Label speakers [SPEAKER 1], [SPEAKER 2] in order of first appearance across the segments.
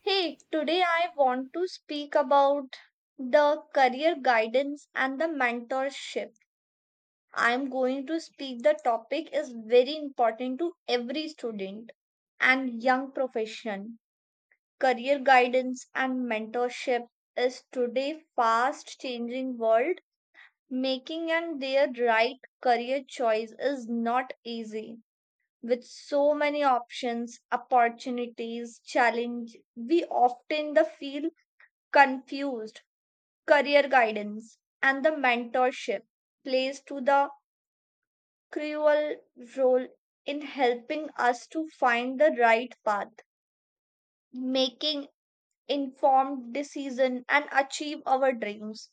[SPEAKER 1] Hey, today I want to speak about the career guidance and the mentorship. I'm going to speak the topic is very important to every student and young profession. Career guidance and mentorship is today fast changing world. Making and their right career choice is not easy. With so many options, opportunities, challenge, we often the feel confused. Career guidance and the mentorship plays to the crucial role in helping us to find the right path, making informed decision and achieve our dreams.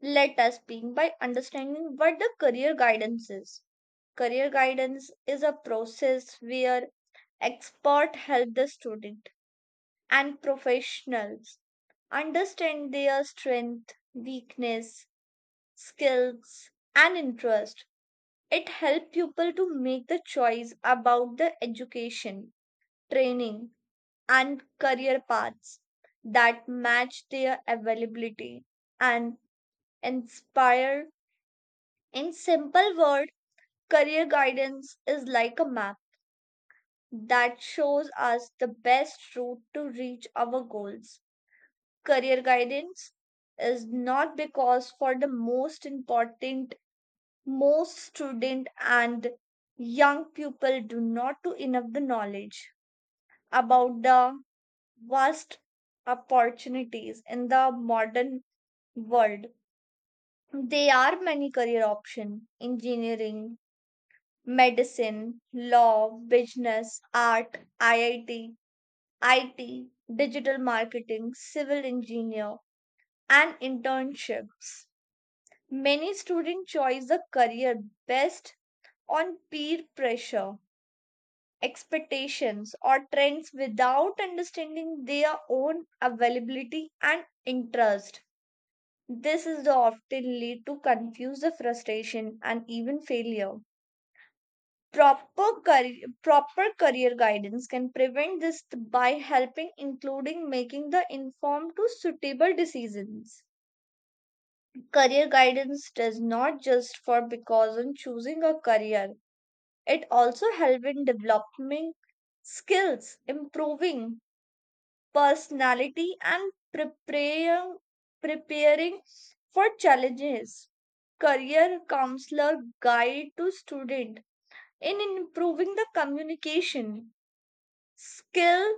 [SPEAKER 1] Let us begin by understanding what the career guidance is. Career guidance is a process where expert help the student and professionals understand their strength, weakness, skills and interest. It helps people to make the choice about the education, training and career paths that match their availability and inspire. In simple word, career guidance is like a map that shows us the best route to reach our goals. Career guidance is not because for the most important, most student and young people do not do enough the knowledge about the vast opportunities in the modern world. There are many career options: engineering, medicine, law, business, art, iit, it, digital marketing, civil engineer and internships. Many students choose the career best on peer pressure, expectations or trends without understanding their own availability and interest. This is the often lead to confusion, frustration, and even failure. Proper career guidance can prevent this by helping, including making the informed to suitable decisions. Career guidance does not just for because on choosing a career; it also helps in developing skills, improving personality and preparing for challenges. Career counselor guide to student in improving the communication skill,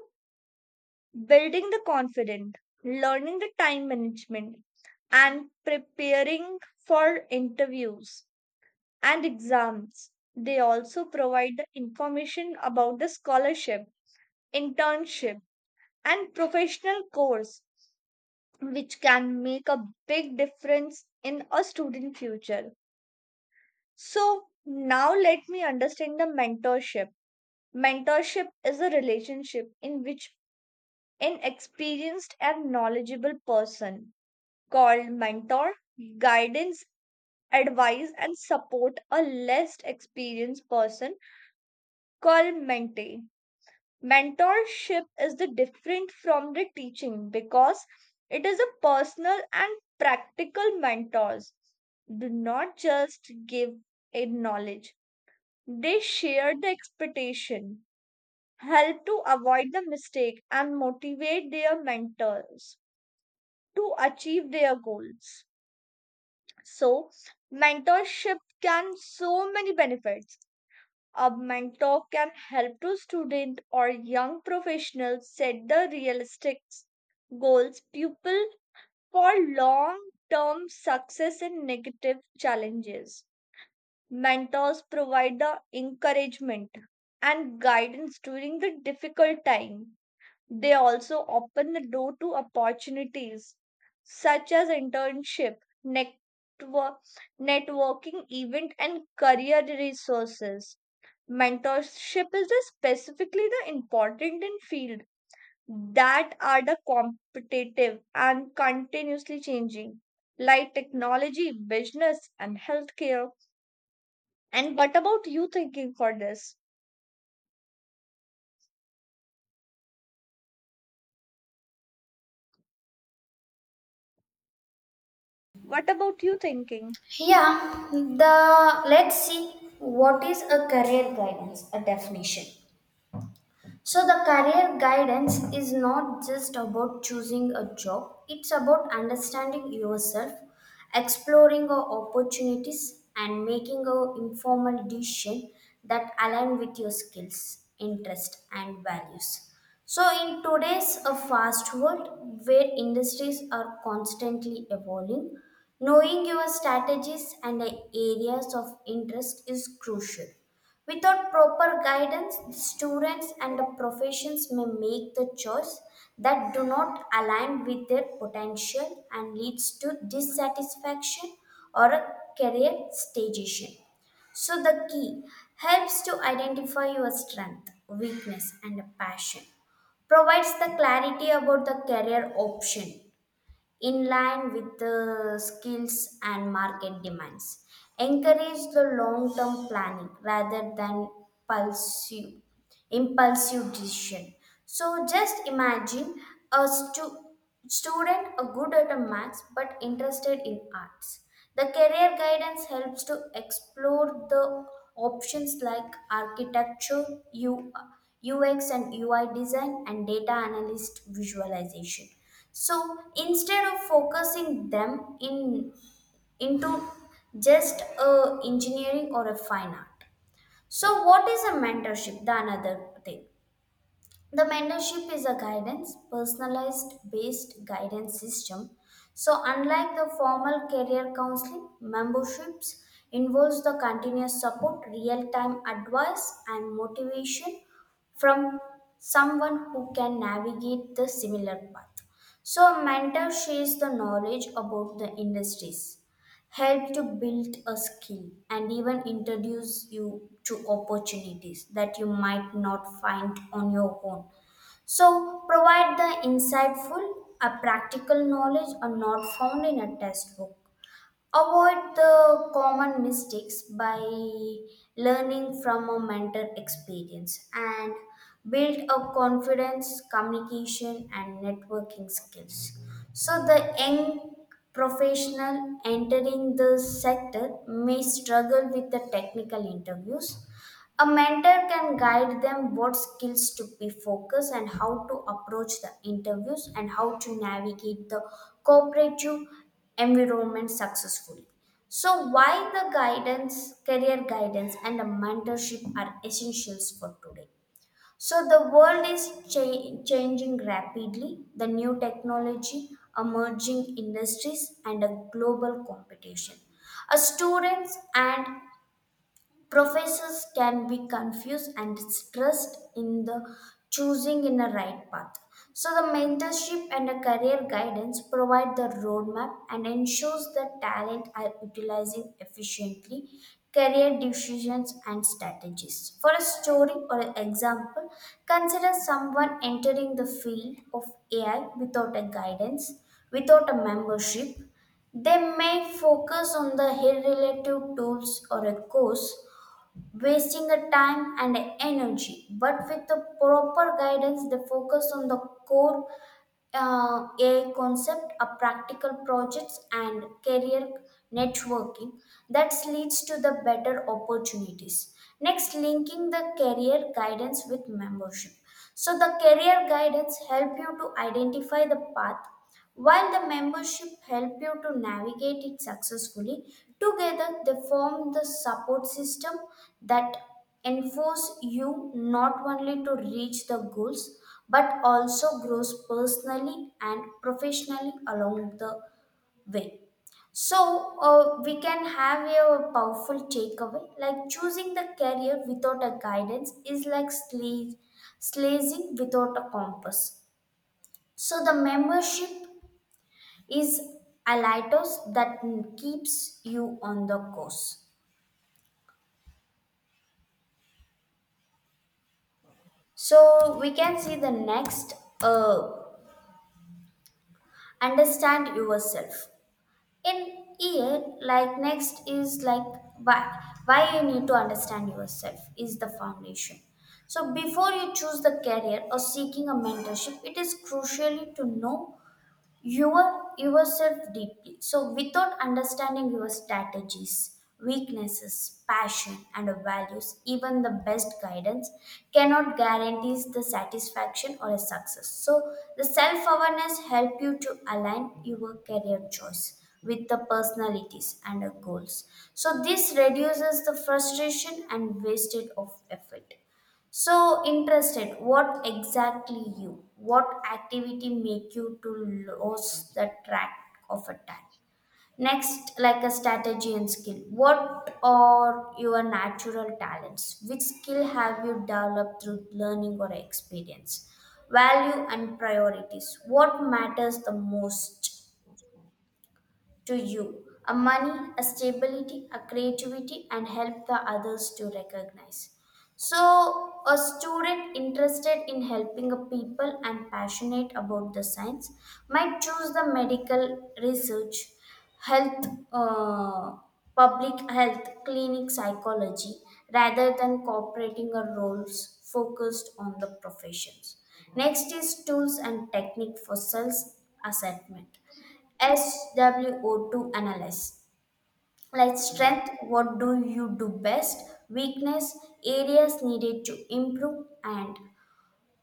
[SPEAKER 1] building the confident, learning the time management, and preparing for interviews and exams. They also provide the information about the scholarship, internship, and professional course which can make a big difference in a student future. So now let me understand the mentorship. Mentorship is a relationship in which an experienced and knowledgeable person called mentor guidance advice and support a less experienced person called mentee. Mentorship is the different from the teaching because it is a personal and practical. Mentors do not just give a knowledge, they share the expectation, help to avoid the mistake and motivate their mentors to achieve their goals. So mentorship can so many benefits. A mentor can help to student or young professionals set the realistic goals pupil for long term success in negative challenges. Mentors provide the encouragement and guidance during the difficult time. They also open the door to opportunities such as internship, network, networking event and career resources. Mentorship is the specifically the important in field that are the competitive and continuously changing, like technology, business and healthcare. And what about you thinking for this? What about you thinking
[SPEAKER 2] Yeah, the let's see what is a career guidance, a definition. So, the career guidance is not just about choosing a job, it's about understanding yourself, exploring your opportunities, and making an informal decision that align with your skills, interests, and values. So, in today's a fast world where industries are constantly evolving, knowing your strategies and areas of interest is crucial. Without proper guidance, the students and the professions may make the choice that do not align with their potential and leads to dissatisfaction or a career stagnation. So the key helps to identify your strength, weakness and passion. Provides the clarity about the career option in line with the skills and market demands. Encourage the long term planning rather than pursue impulsive decision. So just imagine a student good at a maths but interested in arts. The career guidance helps to explore the options like architecture, U- UX and UI design, and data analyst visualization. So instead of focusing them in into just a engineering or a fine art. So what is a mentorship? The another thing. The mentorship is a guidance, personalized based guidance system. So, unlike the formal career counseling, memberships involves the continuous support, real time advice, and motivation from someone who can navigate the similar path. So, a mentor shares the knowledge about the industries, help to build a skill, and even introduce you to opportunities that you might not find on your own. So, provide the insightful, a practical knowledge are not found in a textbook. Avoid the common mistakes by learning from a mentor experience and build up confidence, communication, and networking skills. So, the young professional entering the sector may struggle with the technical interviews, a mentor can guide them what skills to be focused and how to approach the interviews and how to navigate the cooperative environment successfully. So, why the guidance, career guidance, and the mentorship are essentials for today. So, the world is changing rapidly, the new technology, emerging industries, and a global competition. A students and Professors can be confused and stressed in the choosing in a right path. So the mentorship and a career guidance provide the roadmap and ensures that talent are utilizing efficiently career decisions and strategies. For a story or example, consider someone entering the field of AI without a guidance, without a membership, they may focus on the relative tools or a course wasting a time and energy. But with the proper guidance, they focus on the core a concept, a practical projects, and career networking that leads to the better opportunities. Next, linking the career guidance with membership. So the career guidance help you to identify the path while the membership help you to navigate it successfully, together they form the support system that enforce you not only to reach the goals but also grows personally and professionally along the way. So we can have a powerful takeaway like choosing the career without a guidance is like slazing without a compass. So the membership is alitos that keeps you on the course. So we can see the next uh, understand yourself. In here, like next is like why you need to understand yourself is the foundation. So before you choose the career or seeking a mentorship, it is crucial to know yourself deeply, so without understanding your strategies, weaknesses, passion and values, even the best guidance cannot guarantee the satisfaction or a success. So the self-awareness help you to align your career choice with the personalities and the goals, so this reduces the frustration and wasted of effort. So interested, what exactly you? What activity make you to lose the track of a time? Next, like a strategy and skill. What are your natural talents? Which skill have you developed through learning or experience? Value and priorities. What matters the most to you, a money, a stability, a creativity, and help the others to recognize. So, a student interested in helping a people and passionate about the science might choose the medical research, health, uh, public health, clinic psychology, rather than cooperating a roles focused on the professions. Next is tools and technique for self assessment. SWO2 analysis. Like strength, what do you do best? Weakness, areas needed to improve, and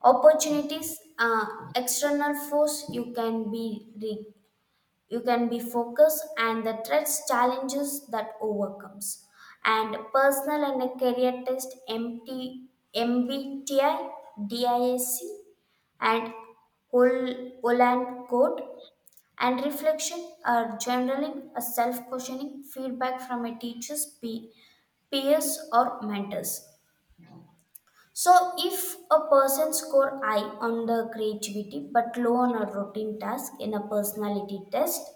[SPEAKER 2] opportunities. External force, you can be you can be focused, and the threats, challenges that overcomes, and personal and a career test, MT, and Holland code and reflection are generally a self-questioning feedback from a teacher's peers or mentors. So if a person score high on the creativity but low on a routine task in a personality test,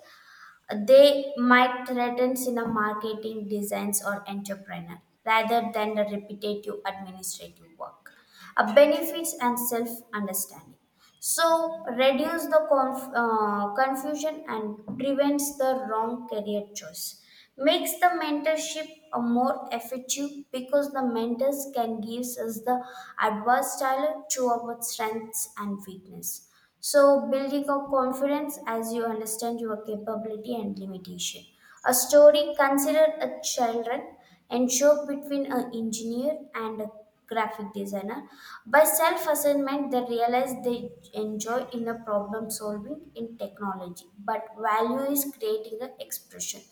[SPEAKER 2] they might threaten in a marketing designs or entrepreneur rather than the repetitive administrative work. Benefits and self understanding. So reduce the confusion and prevents the wrong career choice, makes the mentorship a more effective because the mentors can give us the advice tailored to our strengths and weakness. So building up confidence as you understand your capability and limitation. A story considered a children and show between an engineer and a graphic designer. By self-assessment, they realize they enjoy in a problem solving in technology, but value is creating an expression.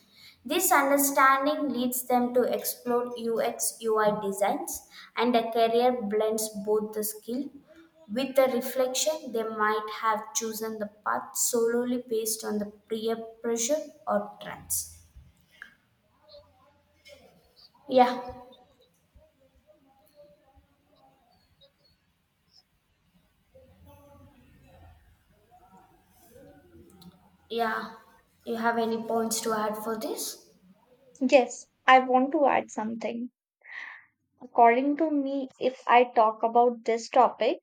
[SPEAKER 2] This understanding leads them to explore UX UI designs, and a career blends both the skill. With the reflection, they might have chosen the path solely based on the peer pressure or trends. Yeah, yeah. You have any points to add for this?
[SPEAKER 1] yes I want to add something. According to me, if I talk about this topic,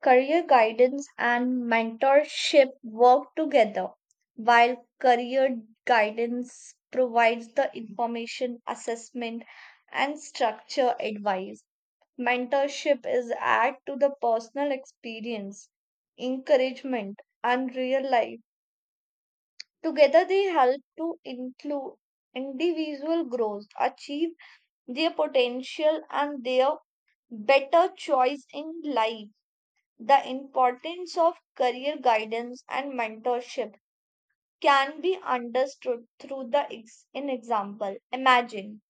[SPEAKER 1] career guidance and mentorship work together, while career guidance provides the information, assessment, and structure advice. Mentorship is add to the personal experience, encouragement, and real life. Together, they help to include individual growth, achieve their potential, and their better choice in life. The importance of career guidance and mentorship can be understood through the in example. Imagine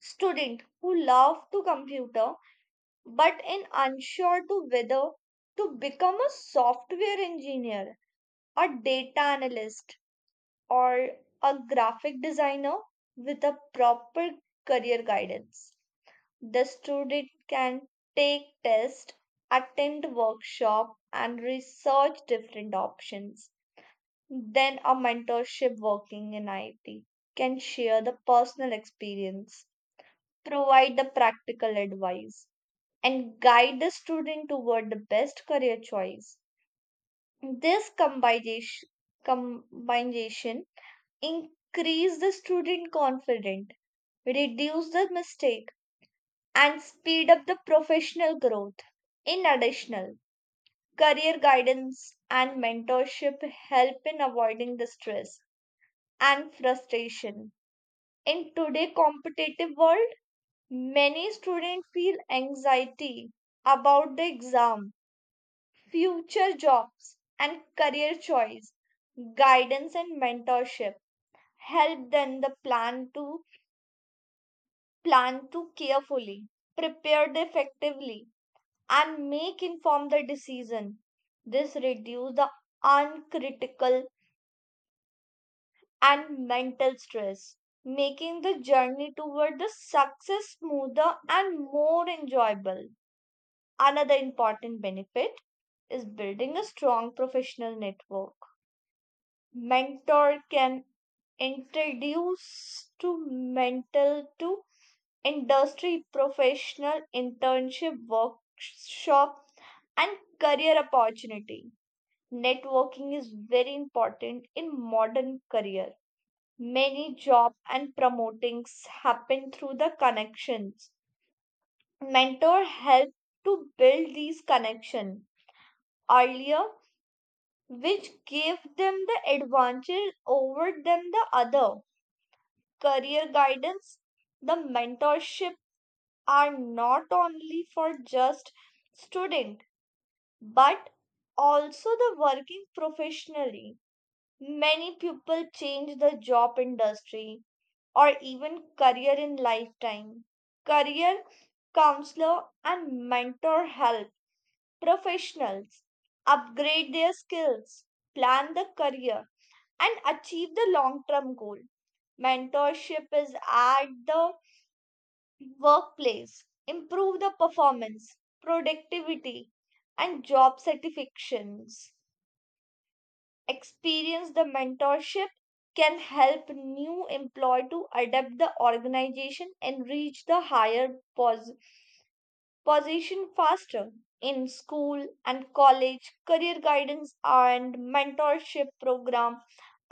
[SPEAKER 1] student who love to computer but in unsure to whether to become a software engineer, a data analyst or a graphic designer. With a proper career guidance, the student can take tests, attend workshop and research different options. Then a mentorship working in IT can share the personal experience, provide the practical advice and guide the student toward the best career choice. This combination increase the student confidence, reduce the mistake and speed up the professional growth. In addition, career guidance and mentorship help in avoiding the stress and frustration. In today's competitive world, many students feel anxiety about the exam, future jobs, and career choice. Guidance and mentorship help them the plan to carefully, prepare effectively and make informed decision. This reduce the uncritical and mental stress, making the journey toward the success smoother and more enjoyable. Another important benefit is building a strong professional network. Mentor can introduce to mental to industry professional internship workshop and career opportunity. Networking is very important in modern career. Many job and promotings happen through the connections. Mentor helped to build these connections earlier, which gave them the advantage over them the other. Career guidance, the mentorship are not only for just student but also the working professionally. Many people change the job industry or even career in lifetime. Career counselor and mentor help professionals upgrade their skills, plan the career, and achieve the long term goal. Mentorship is at the workplace, improve the performance, productivity, and job satisfactions. Experience the mentorship can help new employee to adapt the organization and reach the higher pos- position faster. In school and college, career guidance and mentorship program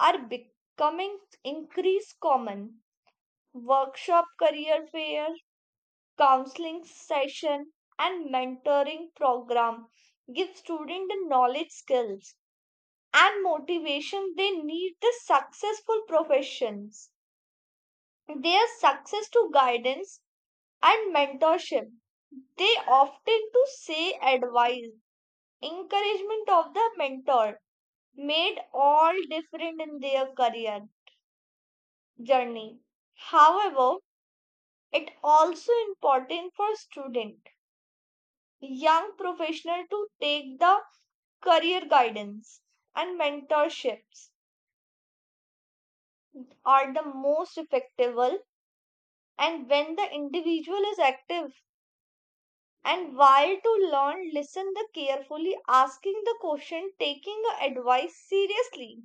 [SPEAKER 1] are becoming increased common. Workshop, career fair, counseling session and mentoring program give student the knowledge, skills and motivation they need the successful professions. Their success to guidance and mentorship, they often to say advice, encouragement of the mentor made all different in their career journey. However, it also important for student, young professional to take the career guidance and mentorships are the most effective and when the individual is active and while to learn, listen the carefully, asking the question, taking the advice seriously.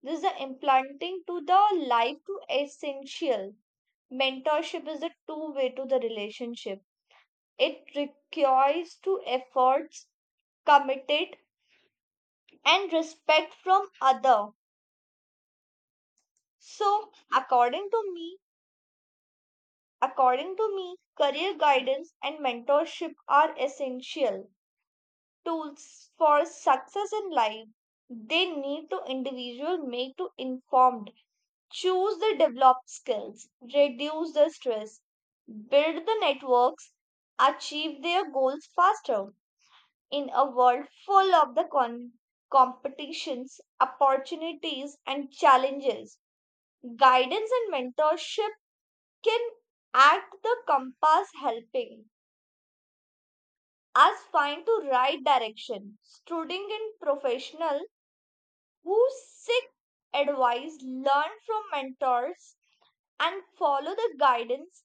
[SPEAKER 1] This is the implanting to the life to essential. Mentorship is a two way to the relationship. It requires two efforts, committed and respect from other. So, according to me according to me, career guidance and mentorship are essential tools for success in life. They need to individual make to informed, choose the developed skills, reduce the stress, build the networks, achieve their goals faster. In a world full of the competitions, opportunities and challenges, guidance and mentorship can act the compass helping us find the right direction. Student and professional who seek advice, learn from mentors, and follow the guidance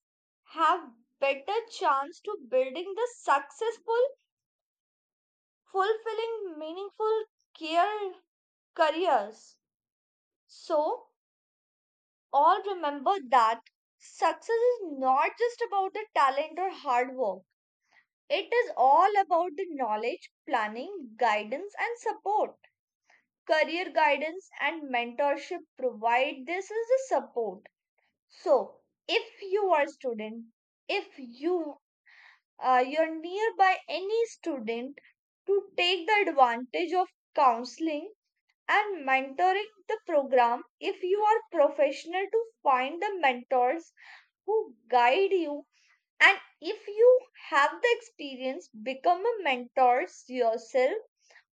[SPEAKER 1] have better chance to building the successful, fulfilling, meaningful care careers. So, all remember that success is not just about the talent or hard work. It is all about the knowledge, planning, guidance, and support. Career guidance and mentorship provide this as a support. So, if you are a student, if you you're nearby any student, to take the advantage of counseling and mentoring the program, if you are professional to find the mentors who guide you, and if you have the experience, become a mentor yourself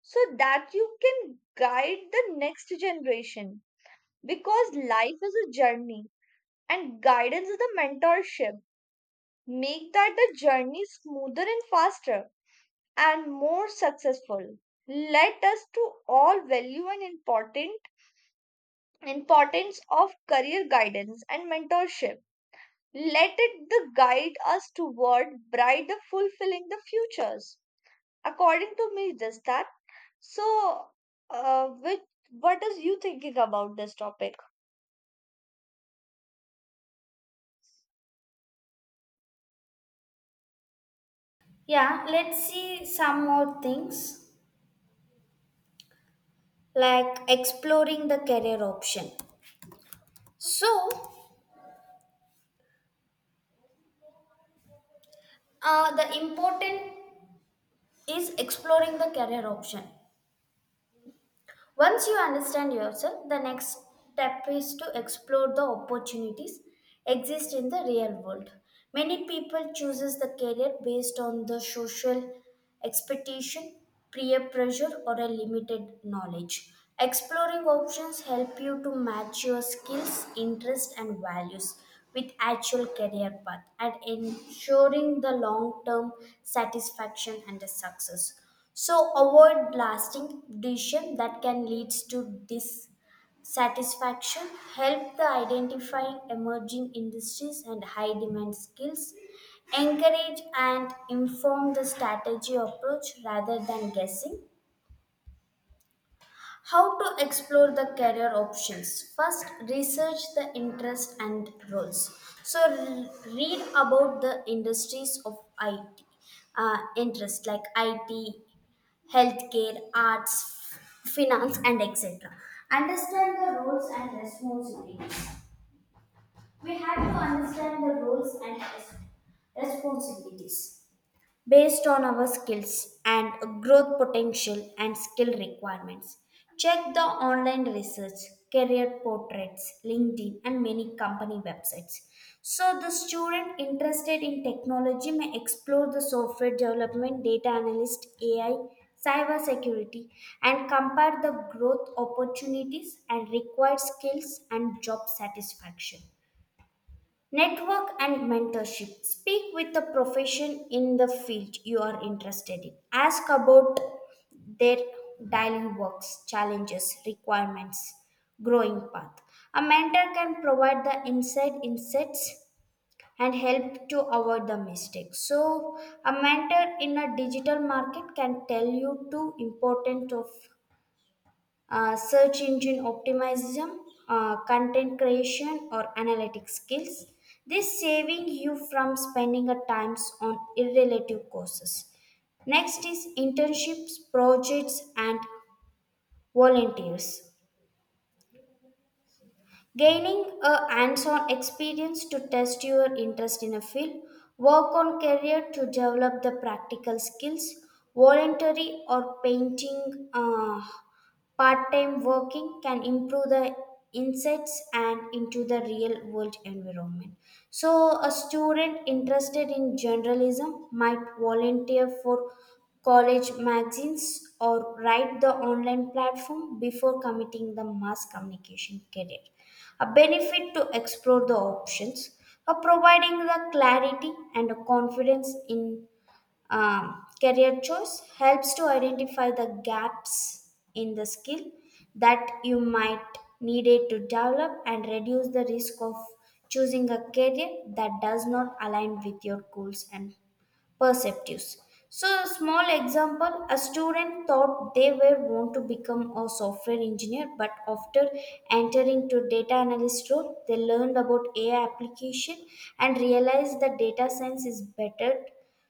[SPEAKER 1] so that you can guide the next generation. Because life is a journey and guidance is the mentorship, make that the journey smoother and faster and more successful. Let us to all value and important importance of career guidance and mentorship. Let it the guide us toward bright the fulfilling the futures. According to me, just that. So, which what is you thinking about this topic?
[SPEAKER 2] Yeah, let's see some more things like exploring the career option. So, the important is exploring the career option. Once you understand yourself, the next step is to explore the opportunities exist in the real world. Many people chooses the career based on the social expectation, peer pressure or a limited knowledge. Exploring options help you to match your skills, interests and values with actual career path and ensuring the long term satisfaction and the success. So avoid lasting decision that can lead to dissatisfaction. Help the identifying emerging industries and high demand skills. Encourage and inform the strategy approach rather than guessing. How to explore the career options? First, research the interest and roles. So, read about the industries of IT uh, interest like IT, healthcare, arts, finance, and etc. Understand the roles and responsibilities. We have to understand the roles and responsibilities based on our skills and growth potential and skill requirements. Check the online research, career portraits, LinkedIn, and many company websites. So, the student interested in technology may explore the software development, data analyst, AI, cyber security, and compare the growth opportunities and required skills and job satisfaction. Network and mentorship. Speak with the profession in the field you are interested in. Ask about their daily works, challenges, requirements, growing path. A mentor can provide the inside insights and help to avoid the mistakes. So, a mentor in a digital market can tell you two important of search engine optimism, content creation, or analytic skills. This saving you from spending a times on irrelative courses. Next is internships, projects, and volunteers. Gaining a hands on experience to test your interest in a field, work on career to develop the practical skills, voluntary or painting, part time working can improve the insights and into the real world environment. So, a student interested in journalism might volunteer for college magazines or write the online platform before committing the mass communication career, a benefit to explore the options for providing the clarity and confidence in career choice helps to identify the gaps in the skill that you might need it to develop and reduce the risk of choosing a career that does not align with your goals and perceptives. So, a small example, a student thought they were want to become a software engineer, but after entering to data analyst role, they learned about AI application and realized that data science is better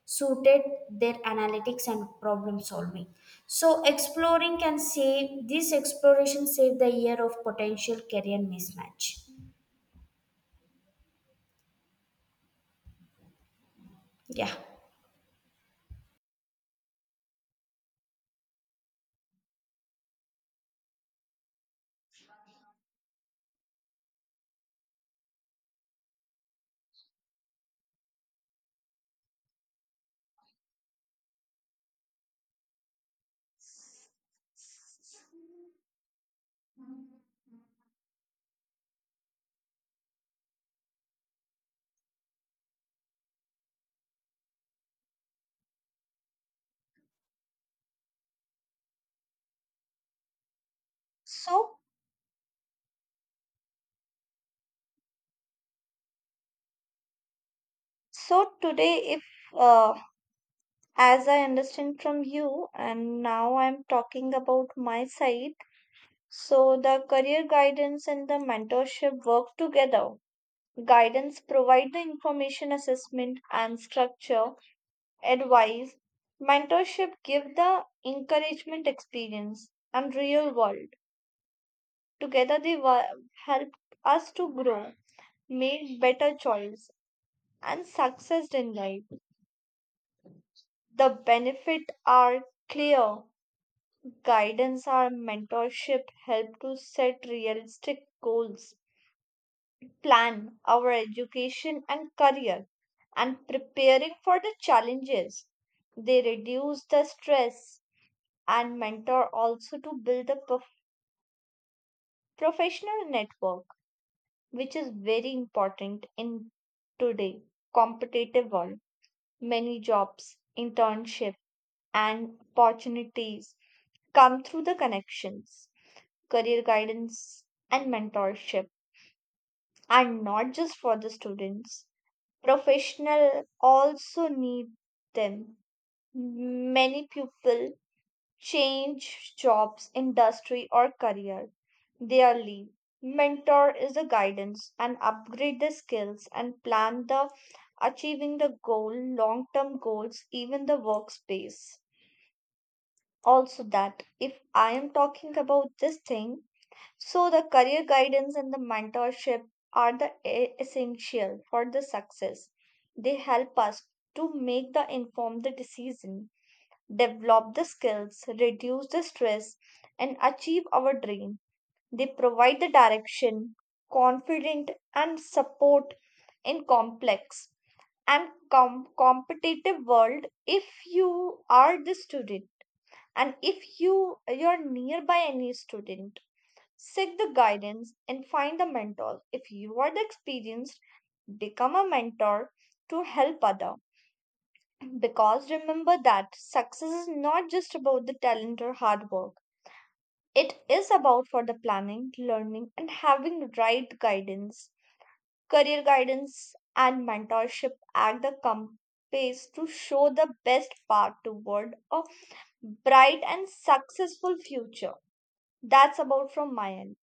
[SPEAKER 2] suited their analytics and problem solving. So, exploring can save, this exploration saved the year of potential career mismatch. Yeah.
[SPEAKER 1] So, so today, if uh, as I understand from you, and now I'm talking about my side. So the career guidance and the mentorship work together. Guidance provide the information assessment and structure, advice. Mentorship give the encouragement experience and real world. Together they help us to grow, make better choice and success in life. The benefit are clear. Guidance or mentorship help to set realistic goals, plan our education and career, and preparing for the challenges. They reduce the stress and mentor also to build a professional network, which is very important in today competitive world. Many jobs, internship, and opportunities come through the connections, career guidance, and mentorship and not just for the students. Professional also need them. Many people change jobs, industry or career daily. Mentor is the guidance and upgrade the skills and plan the achieving the goal, long term goals, even the workspace also. That, if I am talking about this thing, so, the career guidance and the mentorship are the essential for the success. They help us to make the informed decision, develop the skills, reduce the stress, and achieve our dream. They provide the direction, confidence, and support in complex and competitive world. If you are the student and if you you're nearby any student, seek the guidance and find the mentor. If you are the experienced, become a mentor to help other. Because remember that success is not just about the talent or hard work. It is about for the planning, learning and having right guidance. Career guidance and mentorship act the compass to show the best path toward a bright and successful future. That's about from my end.